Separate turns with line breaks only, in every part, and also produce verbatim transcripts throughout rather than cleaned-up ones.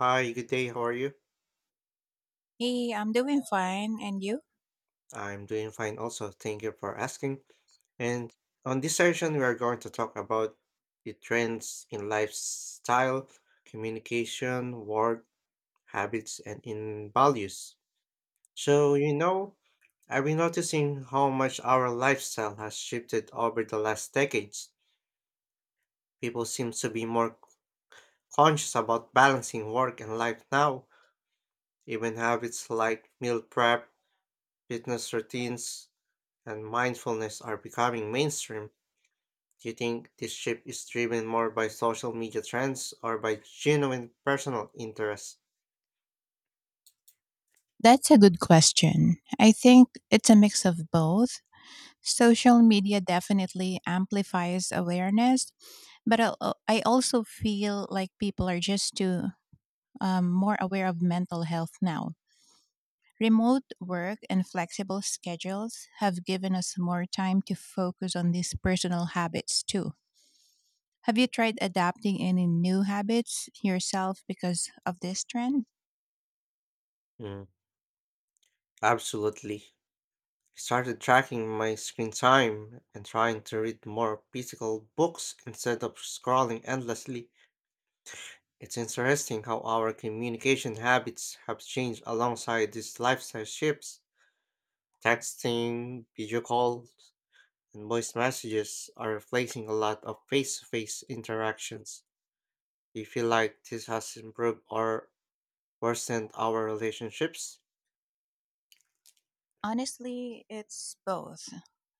Hi, good day. How are you?
Hey, I'm doing fine. And you?
I'm doing fine also. Thank you for asking. And on this session, we are going to talk about the trends in lifestyle, communication, work, habits, and in values.
Mhm.
So, you know, I've been noticing how much our lifestyle has shifted over the last decades. People seem to be more conscious about balancing work and life now. Even habits like meal prep, fitness routines, and mindfulness are becoming mainstream. Do you think this shift is driven more by social media trends or by genuine personal interest?
That's a good question. I think it's a mix of both. Social media definitely amplifies awareness, but I I also feel like people are just too um, more aware of mental health now. Remote work and flexible schedules have given us more time to focus on these personal habits too. Have you tried adapting any new habits yourself because of this trend?
Mm, Absolutely. I started tracking my screen time and trying to read more physical books instead of scrolling endlessly. It's interesting how our communication habits have changed alongside these lifestyle shifts. Texting, video calls, and voice messages are replacing a lot of face to face interactions. Do you feel like this has improved or worsened our relationships?
Honestly, it's both.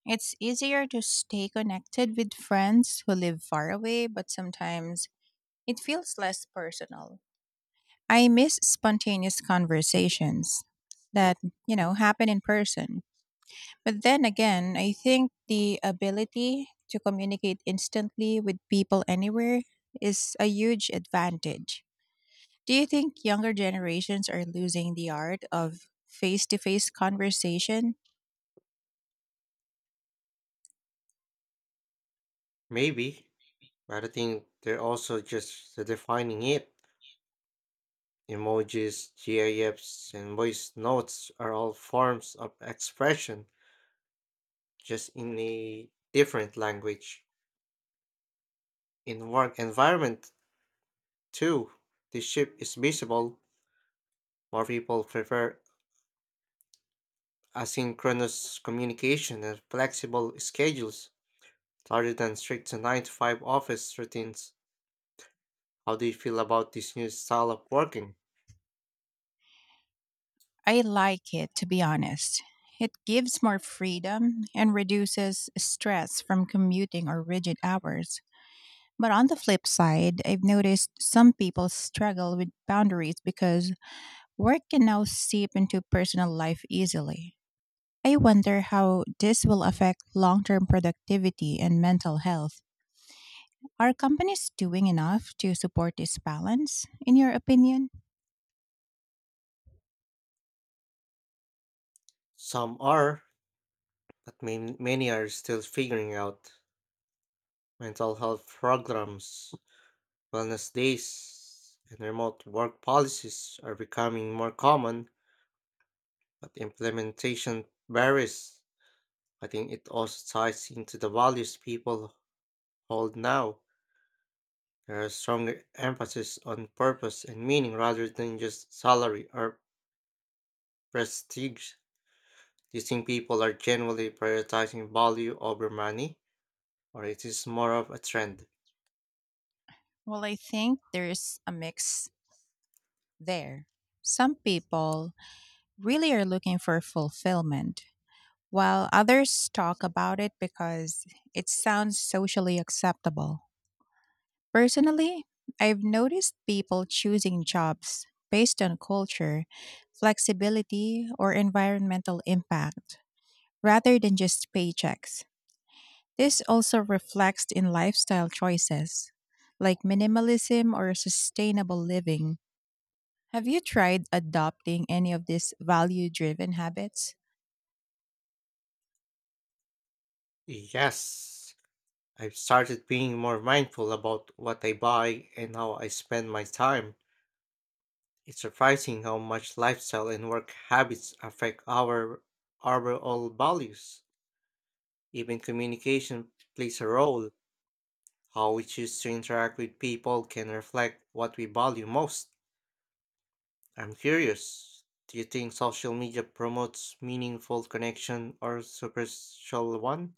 It's easier to stay connected with friends who live far away, but sometimes it feels less personal. I miss spontaneous conversations that, you know, happen in person. But then again, I think the ability to communicate instantly with people anywhere is a huge advantage. Do you think younger generations are losing the art of face to face conversation?
Maybe, but I think they're also just defining it. Emojis, GIFs, and voice notes are all forms of expression, just in a different language. In work environment, too, the shift is visible. More people prefer asynchronous communication and flexible schedules rather than strict nine to five office routines. How do you feel about this new style of working?
I like it, to be honest. It gives more freedom and reduces stress from commuting or rigid hours. But on the flip side, I've noticed some people struggle with boundaries because work can now seep into personal life easily. I wonder how this will affect long term productivity and mental health. Are companies doing enough to support this balance, in your opinion?
Some are, but main, many are still figuring out. Mental health programs, wellness days, and remote work policies are becoming more common, but implementation varies. I think it also ties into the values people hold now. There are stronger emphasis on purpose and meaning rather than just salary or prestige. Do you think people are generally prioritizing value over money, or it is more of a trend?
Well, I think there's a mix there. Some people really are looking for fulfillment, while others talk about it because it sounds socially acceptable. Personally, I've noticed people choosing jobs based on culture, flexibility, or environmental impact rather than just paychecks. This also reflects in lifestyle choices like minimalism or sustainable living. Have you tried adopting any of these value driven habits?
Yes, I've started being more mindful about what I buy and how I spend my time. It's surprising how much lifestyle and work habits affect our overall values. Even communication plays a role. How we choose to interact with people can reflect what we value most. I'm curious. Do you think social media promotes meaningful connection or superficial one?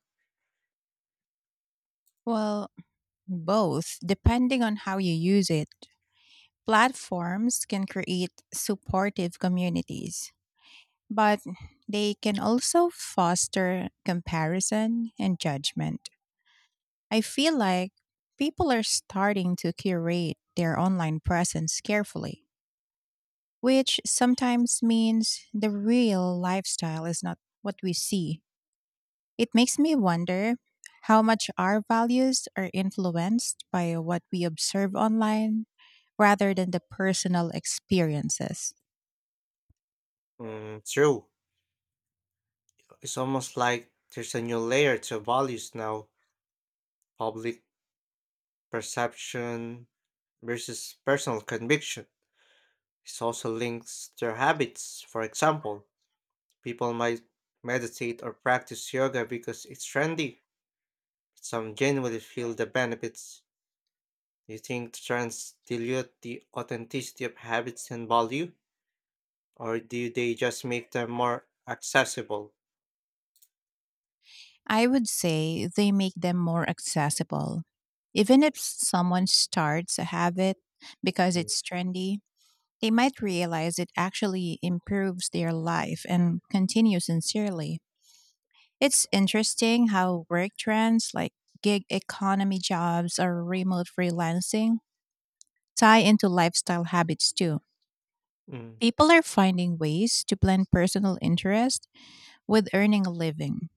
Well, both, depending on how you use it. Platforms can create supportive communities, but they can also foster comparison and judgment. I feel like people are starting to curate their online presence carefully, which sometimes means the real lifestyle is not what we see. It makes me wonder how much our values are influenced by what we observe online rather than the personal experiences.
Mm, true. It's almost like there's a new layer to values now, public perception versus personal conviction. It also links their habits. For example, people might meditate or practice yoga because it's trendy. Some genuinely feel the benefits. Do you think trends dilute the authenticity of habits and value, or do they just make them more accessible?
I would say they make them more accessible. Even if someone starts a habit because
Mm.
it's trendy, they might realize it actually improves their life and continue sincerely. It's interesting how work trends like gig economy jobs or remote freelancing tie into lifestyle habits too.
Mm.
People are finding ways to blend personal interest with earning a living.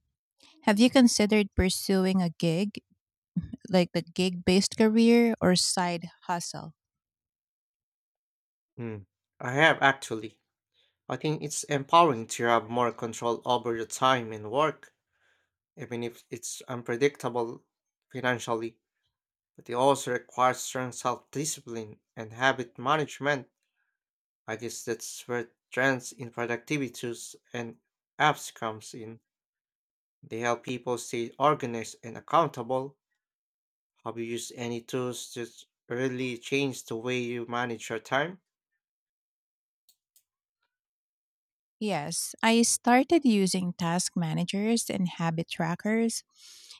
Have you considered pursuing a gig like the gig based career or side hustle?
Mm. I have actually. I think it's empowering to have more control over your time and work, even if it's unpredictable financially. But it also requires strong self discipline and habit management. I guess that's where trends in productivity and apps comes in. They help people stay organized and accountable. Have you used any tools that really change the way you manage your time?
Yes, I started using task managers and habit trackers.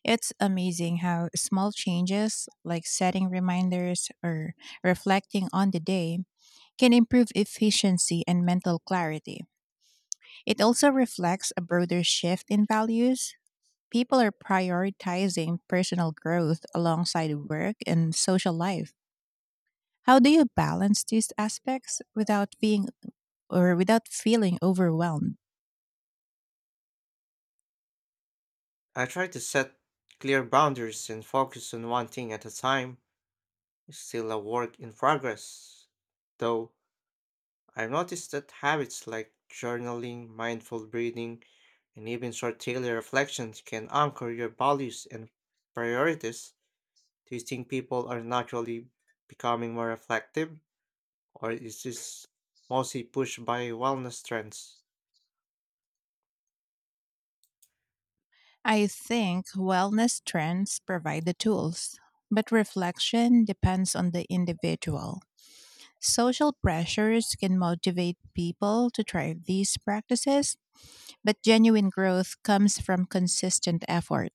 It's amazing how small changes, like setting reminders or reflecting on the day, can improve efficiency and mental clarity. It also reflects a broader shift in values. People are prioritizing personal growth alongside work and social life. How do you balance these aspects without being or without feeling overwhelmed?
I try to set clear boundaries and focus on one thing at a time. Is still a work in progress, though. I've noticed that habits like journaling, mindful breathing, and even short daily reflections can anchor your values and priorities. Do you think people are naturally becoming more reflective, or is this mostly pushed by wellness trends?
I think wellness trends provide the tools, but reflection depends on the individual. Social pressures can motivate people to try these practices, but genuine growth comes from consistent effort.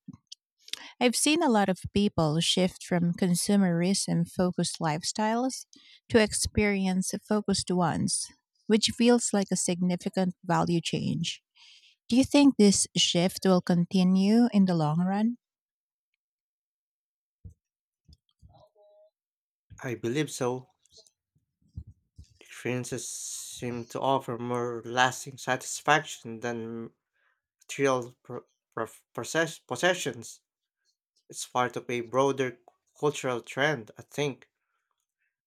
I've seen a lot of people shift from consumerism focused lifestyles to experience focused ones, which feels like a significant value change. Do you think this shift will continue in the long run?
I believe so. Experiences seem to offer more lasting satisfaction than material pro- pro- possess- possessions. It's part of a broader cultural trend, I think.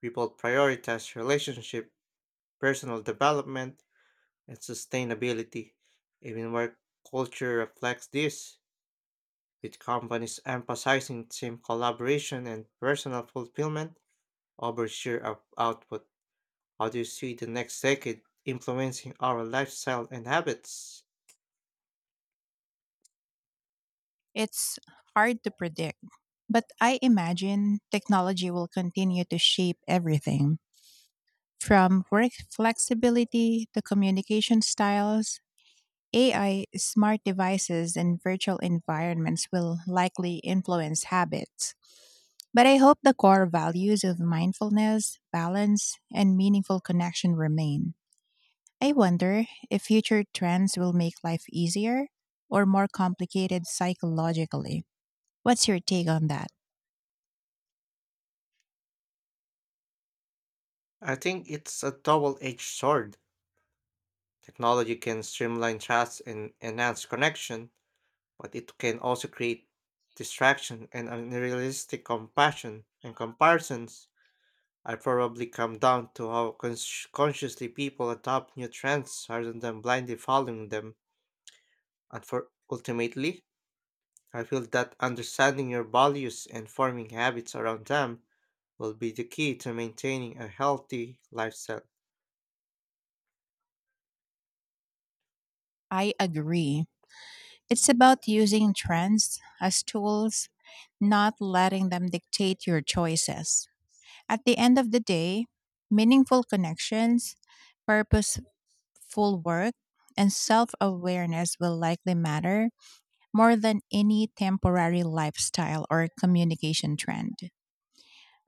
People prioritize relationship, personal development, and sustainability. Even where culture reflects this, with companies emphasizing team collaboration and personal fulfillment over sheer out- output. How do you see the next decade influencing our lifestyle and habits?
It's hard to predict, but I imagine technology will continue to shape everything from work flexibility to communication styles. A I, smart devices, and virtual environments will likely influence habits. But I hope the core values of mindfulness, balance, and meaningful connection remain. I wonder if future trends will make life easier or more complicated psychologically. What's your take on that?
I think it's a double edged sword. Technology can streamline chats and enhance connection, but it can also create distraction and unrealistic compassion and comparisons. I probably come down to how cons- consciously people adopt new trends rather than blindly following them. And for ultimately, I feel that understanding your values and forming habits around them will be the key to maintaining a healthy lifestyle.
I agree. It's about using trends as tools, not letting them dictate your choices. At the end of the day, meaningful connections, purposeful work, and self awareness will likely matter more than any temporary lifestyle or communication trend.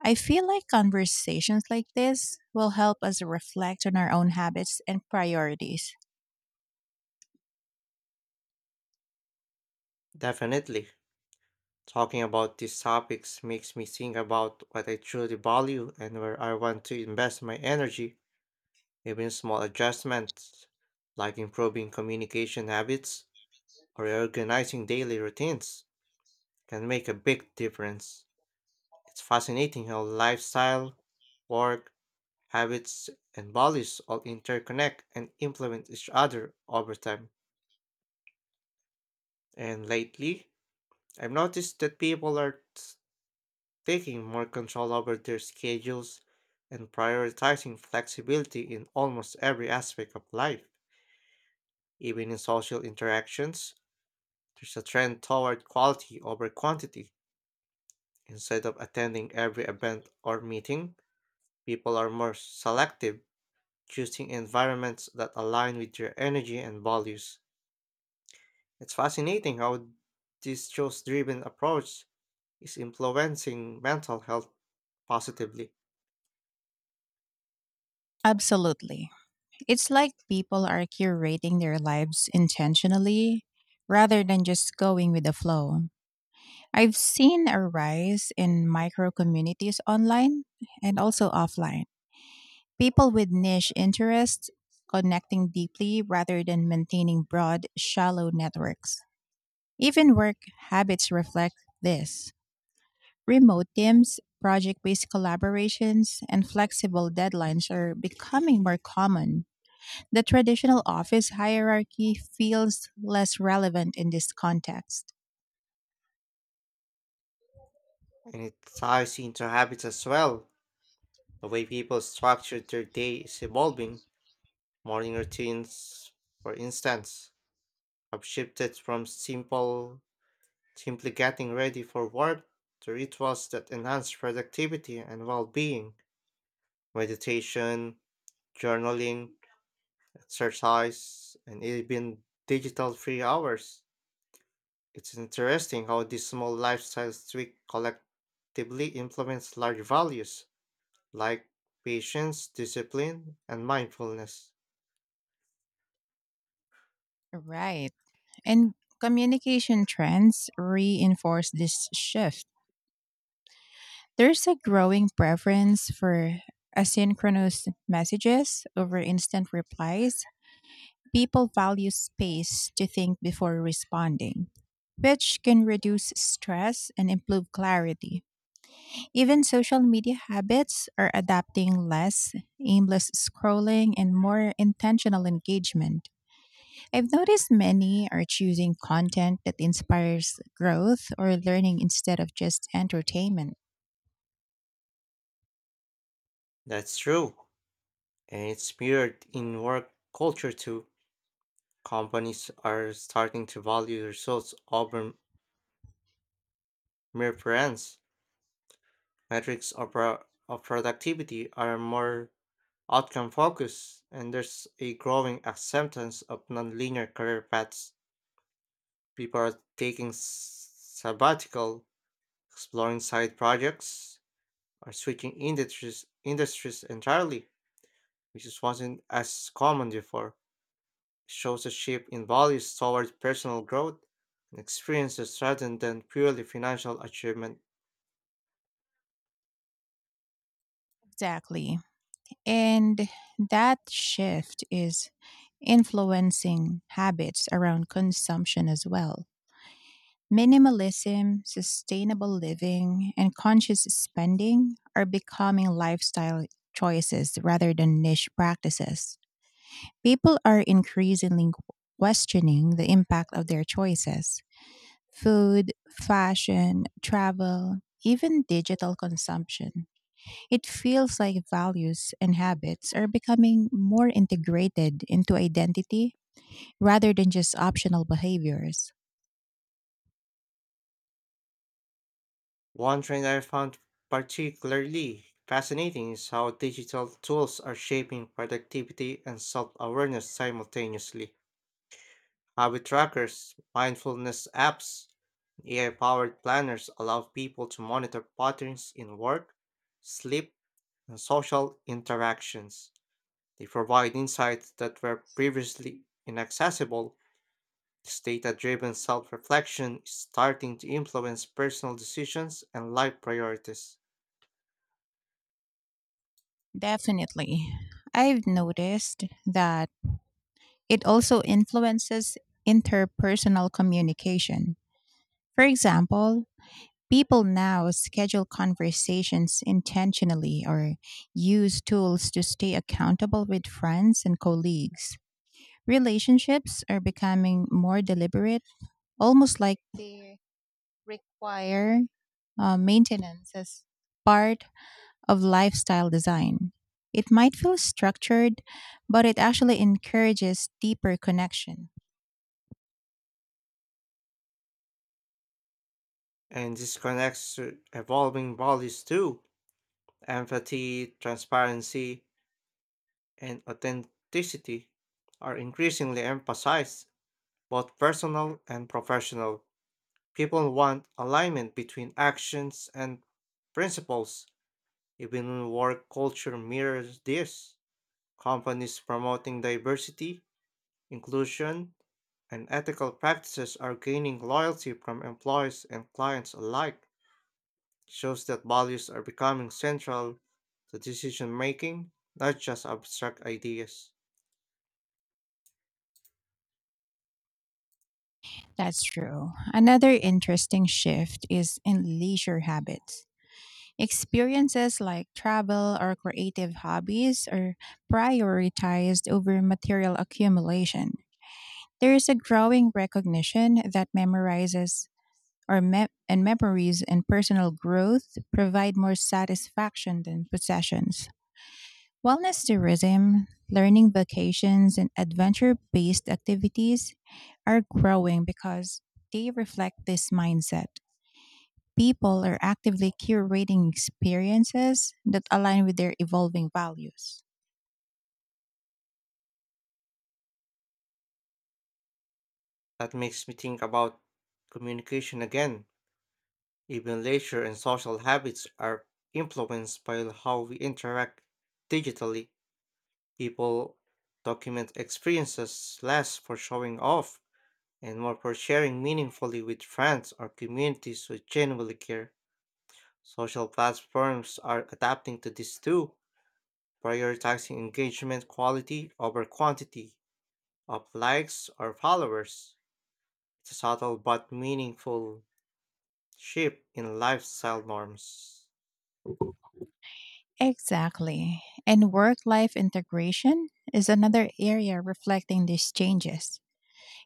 I feel like conversations like this will help us reflect on our own habits and priorities.
Definitely. Talking about these topics makes me think about what I truly value and where I want to invest my energy. Even small adjustments, like improving communication habits or organizing daily routines, can make a big difference. It's fascinating how lifestyle, work, habits, and values all interconnect and influence each other over time. And lately, I've noticed that people are t- taking more control over their schedules and prioritizing flexibility in almost every aspect of life, even in social interactions. There's a trend toward quality over quantity. Instead of attending every event or meeting, people are more selective, choosing environments that align with their energy and values. It's fascinating how this choice driven approach is influencing mental health positively.
Absolutely. It's like people are curating their lives intentionally rather than just going with the flow. I've seen a rise in micro communities online and also offline. People with niche interests connecting deeply rather than maintaining broad, shallow networks. Even work habits reflect this. Remote teams, project based collaborations, and flexible deadlines are becoming more common. The traditional office hierarchy feels less relevant in this context.
And it ties into habits as well. The way people structure their day is evolving. Morning routines, for instance, have shifted from simple simply getting ready for work, the rituals that enhance productivity and well being, meditation, journaling, exercise, and even digital free hours. It's interesting how these small lifestyle tweaks collectively influence large values like patience, discipline, and mindfulness.
Right. And communication trends reinforce this shift. There's a growing preference for asynchronous messages over instant replies. People value space to think before responding, which can reduce stress and improve clarity. Even social media habits are adapting: less aimless scrolling and more intentional engagement. I've noticed many are choosing content that inspires growth or learning instead of just entertainment.
That's true, and it's mirrored in work culture too. Companies are starting to value results over mere brands. Metrics of, pro- of productivity are more outcome focused, and there's a growing acceptance of nonlinear career paths. People are taking s- sabbatical, exploring side projects, or switching industries, industries entirely, which is wasn't as common before. It shows a shift in values towards personal growth and experiences rather than purely financial achievement.
Exactly. And that shift is influencing habits around consumption as well. Minimalism, sustainable living, and conscious spending are becoming lifestyle choices rather than niche practices. People are increasingly questioning the impact of their choices: food, fashion, travel, even digital consumption. It feels like values and habits are becoming more integrated into identity rather than just optional behaviors.
One trend I found particularly fascinating is how digital tools are shaping productivity and self awareness simultaneously. Habit trackers, mindfulness apps, A I powered planners allow people to monitor patterns in work, sleep, and social interactions. They provide insights that were previously inaccessible. This data driven self reflection is starting to influence personal decisions and life priorities.
Definitely. I've noticed that it also influences interpersonal communication. For example, people now schedule conversations intentionally or use tools to stay accountable with friends and colleagues. Relationships are becoming more deliberate, almost like they require uh, maintenance as part of lifestyle design. It might feel structured, but it actually encourages deeper connection.
And this connects to evolving values too. Empathy, transparency, and authenticity are increasingly emphasized, both personal and professional. People want alignment between actions and principles. Even work culture mirrors this. Companies promoting diversity, inclusion, and ethical practices are gaining loyalty from employees and clients alike. Shows that values are becoming central to decision making, not just abstract ideas.
That's true. Another interesting shift is in leisure habits. Experiences like travel or creative hobbies are prioritized over material accumulation. There is a growing recognition that memorizes or me- and memories and personal growth provide more satisfaction than possessions. Wellness tourism, learning vacations, and adventure based activities are growing because they reflect this mindset. People are actively curating experiences that align with their evolving values.
That makes me think about communication again. Even leisure and social habits are influenced by how we interact digitally. People document experiences less for showing off and more for sharing meaningfully with friends or communities who genuinely care. Social platforms are adapting to this too, prioritizing engagement quality over quantity of likes or followers. It's a subtle but meaningful shift in lifestyle norms.
Exactly. And work life integration is another area reflecting these changes.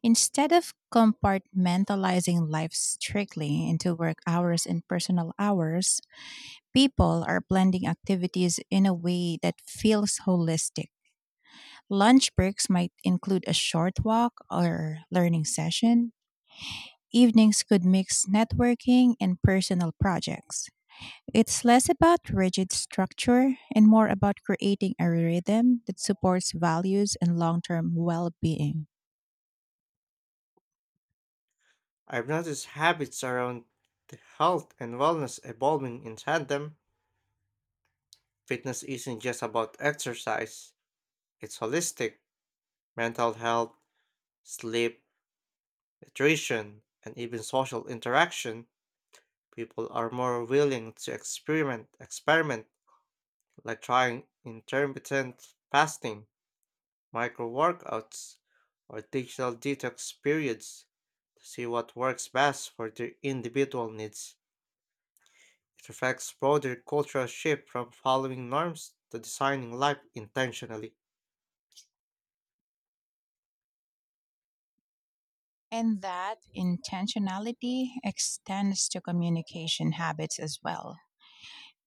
Instead of compartmentalizing life strictly into work hours and personal hours, people are blending activities in a way that feels holistic. Lunch breaks might include a short walk or learning session. Evenings could mix networking and personal projects. It's less about rigid structure and more about creating a rhythm that supports values and long term well being.
I've noticed habits around the health and wellness evolving in tandem. Fitness isn't just about exercise, it's holistic, mental health, sleep, nutrition, and even social interaction. People are more willing to experiment, experiment like trying intermittent fasting, micro workouts, or digital detox periods to see what works best for their individual needs. It reflects broader cultural shift from following norms to designing life intentionally.
And that intentionality extends to communication habits as well.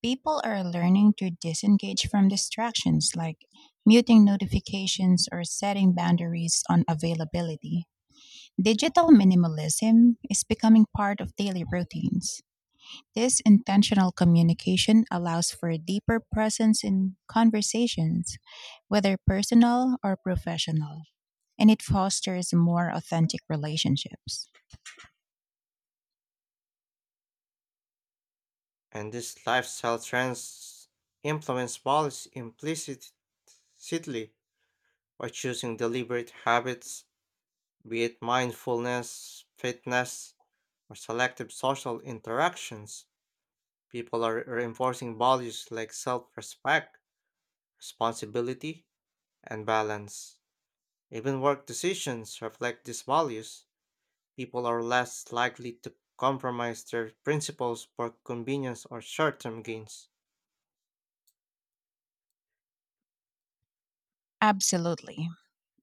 People are learning to disengage from distractions like muting notifications or setting boundaries on availability. Digital minimalism is becoming part of daily routines. This intentional communication allows for deeper presence in conversations, whether personal or professional, and it fosters more authentic relationships.
And these lifestyle trends influence policy implicitly by choosing deliberate habits, be it mindfulness, fitness, or selective social interactions. People are reinforcing values like self respect, responsibility, and balance. Even work decisions reflect these values. People are less likely to compromise their principles for convenience or short term gains.
Absolutely.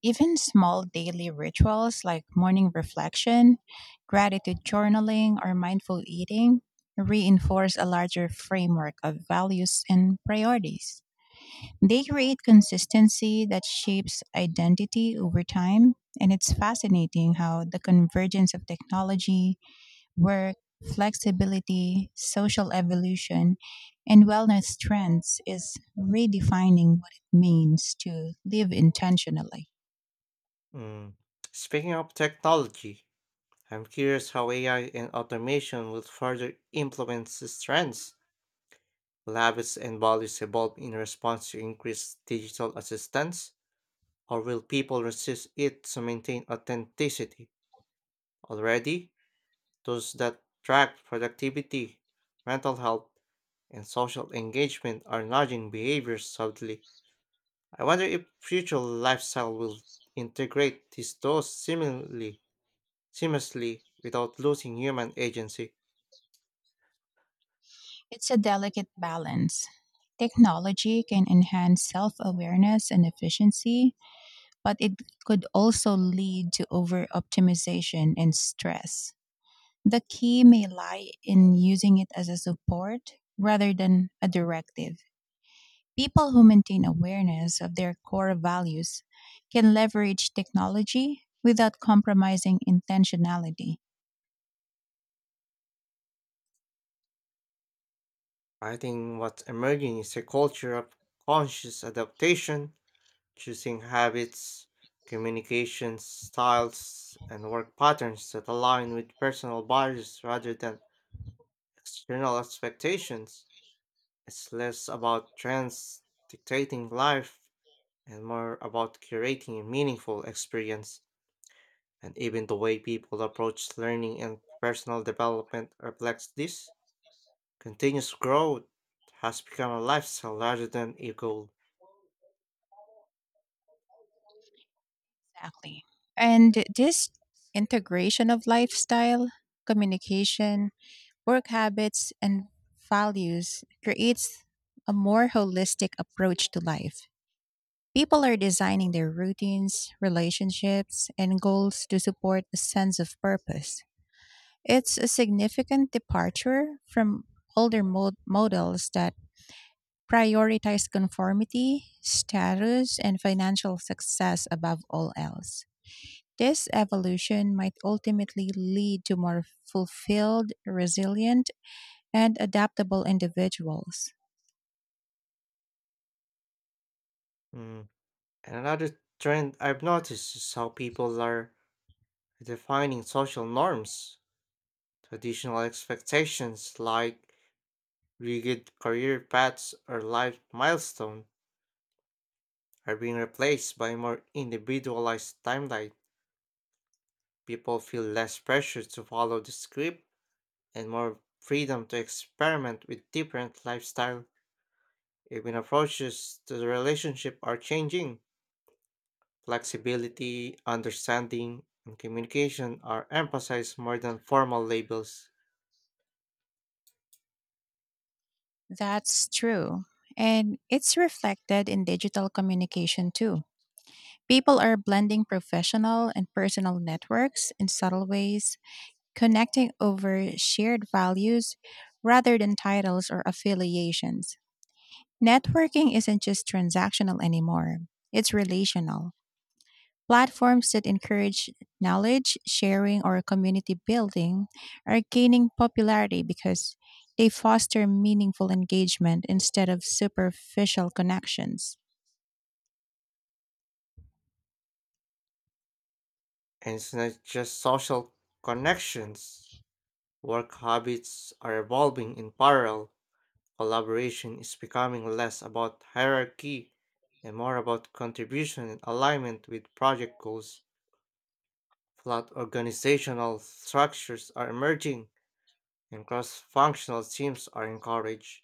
Even small daily rituals like morning reflection, gratitude journaling, or mindful eating reinforce a larger framework of values and priorities. They create consistency that shapes identity over time, and it's fascinating how the convergence of technology, work, flexibility, social evolution, and wellness trends is redefining what it means to live intentionally.
Mm. Speaking of technology, I'm curious how A I and automation will further influence these trends. Will habits and values evolve in response to increased digital assistance? Or will people resist it to maintain authenticity? Already, those that track productivity, mental health, and social engagement are nudging behaviors subtly. I wonder if future lifestyle will integrate these those seemingly seamlessly without losing human agency.
It's a delicate balance. Technology can enhance self awareness and efficiency, but it could also lead to over optimization and stress. The key may lie in using it as a support rather than a directive. People who maintain awareness of their core values can leverage technology without compromising intentionality.
I think what's emerging is a culture of conscious adaptation, choosing habits, communication styles, and work patterns that align with personal values rather than external expectations. It's less about trends dictating life and more about curating a meaningful experience. And even the way people approach learning and personal development reflects this. Continuous growth has become a lifestyle rather than a goal.
Exactly. And this integration of lifestyle, communication, work habits, and values creates a more holistic approach to life. People are designing their routines, relationships, and goals to support a sense of purpose. It's a significant departure from older mod- models that prioritize conformity, status, and financial success above all else. This evolution might ultimately lead to more fulfilled, resilient, and adaptable individuals.
Mm. And another trend I've noticed is how people are defining social norms. Traditional expectations like rigid career paths or life milestones are being replaced by more individualized timeline. People feel less pressure to follow the script and more freedom to experiment with different lifestyle. Even approaches to the relationship are changing. Flexibility, understanding, and communication are emphasized more than formal labels.
That's true. And it's reflected in digital communication too. People are blending professional and personal networks in subtle ways, connecting over shared values rather than titles or affiliations. Networking isn't just transactional anymore, it's relational. Platforms that encourage knowledge sharing or community building are gaining popularity because they foster meaningful engagement instead of superficial connections.
And it's not just social connections. Work habits are evolving in parallel. Collaboration is becoming less about hierarchy and more about contribution and alignment with project goals. Flat organizational structures are emerging, and cross functional teams are encouraged.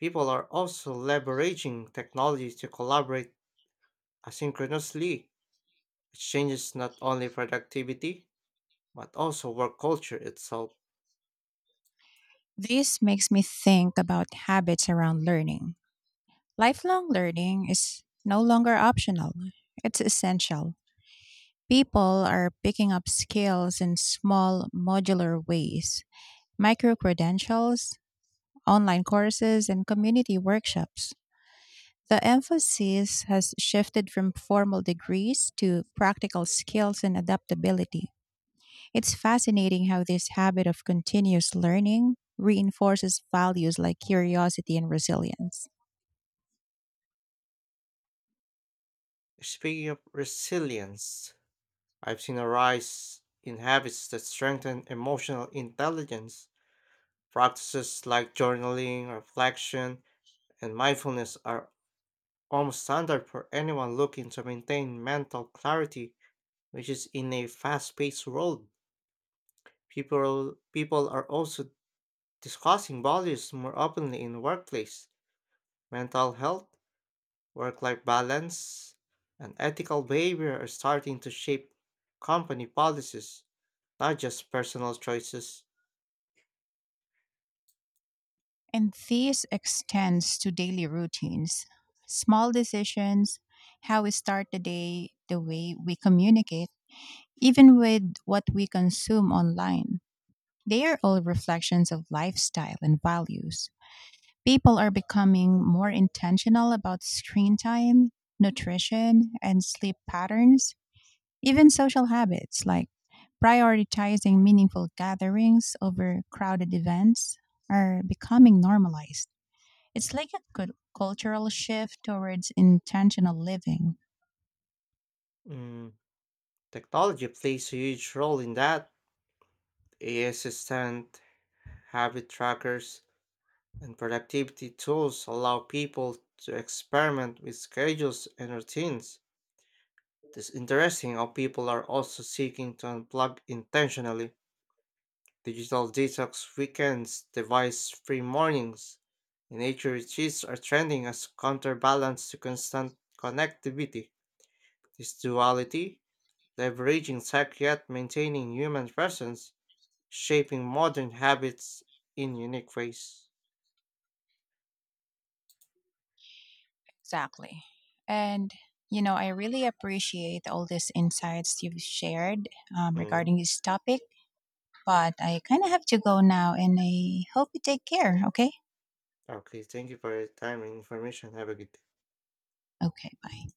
People are also leveraging technology to collaborate asynchronously, which changes not only productivity but also work culture itself.
This makes me think about habits around learning. Lifelong learning is no longer optional, it's essential. People are picking up skills in small, modular ways: micro credentials, online courses, and community workshops. The emphasis has shifted from formal degrees to practical skills and adaptability. It's fascinating how this habit of continuous learning reinforces values like curiosity and resilience.
Speaking of resilience, I've seen a rise in habits that strengthen emotional intelligence. Practices like journaling, reflection, and mindfulness are almost standard for anyone looking to maintain mental clarity, which is in a fast-paced world. People people are also discussing values more openly in the workplace. Mental health, work life balance, and ethical behavior are starting to shape company policies, not just personal choices.
And this extends to daily routines, small decisions, how we start the day, the way we communicate, even with what we consume online. They are all reflections of lifestyle and values. People are becoming more intentional about screen time, nutrition, and sleep patterns. Even social habits like prioritizing meaningful gatherings over crowded events are becoming normalized. It's like a cul- cultural shift towards intentional living.
Mm, technology plays a huge role in that. A I assistant, habit trackers, and productivity tools allow people to experiment with schedules and routines. It is interesting how people are also seeking to unplug intentionally. Digital detox weekends, device free mornings, and nature retreats are trending as counterbalance to constant connectivity. This duality, leveraging tech yet maintaining human presence, shaping modern habits in unique ways.
Exactly. And, you know, I really appreciate all these insights you've shared um,
Mm.
regarding this topic. But I kind of have to go now and I hope you take care. Okay.
Okay, thank you for your time and information. Have a good day.
Okay. Bye.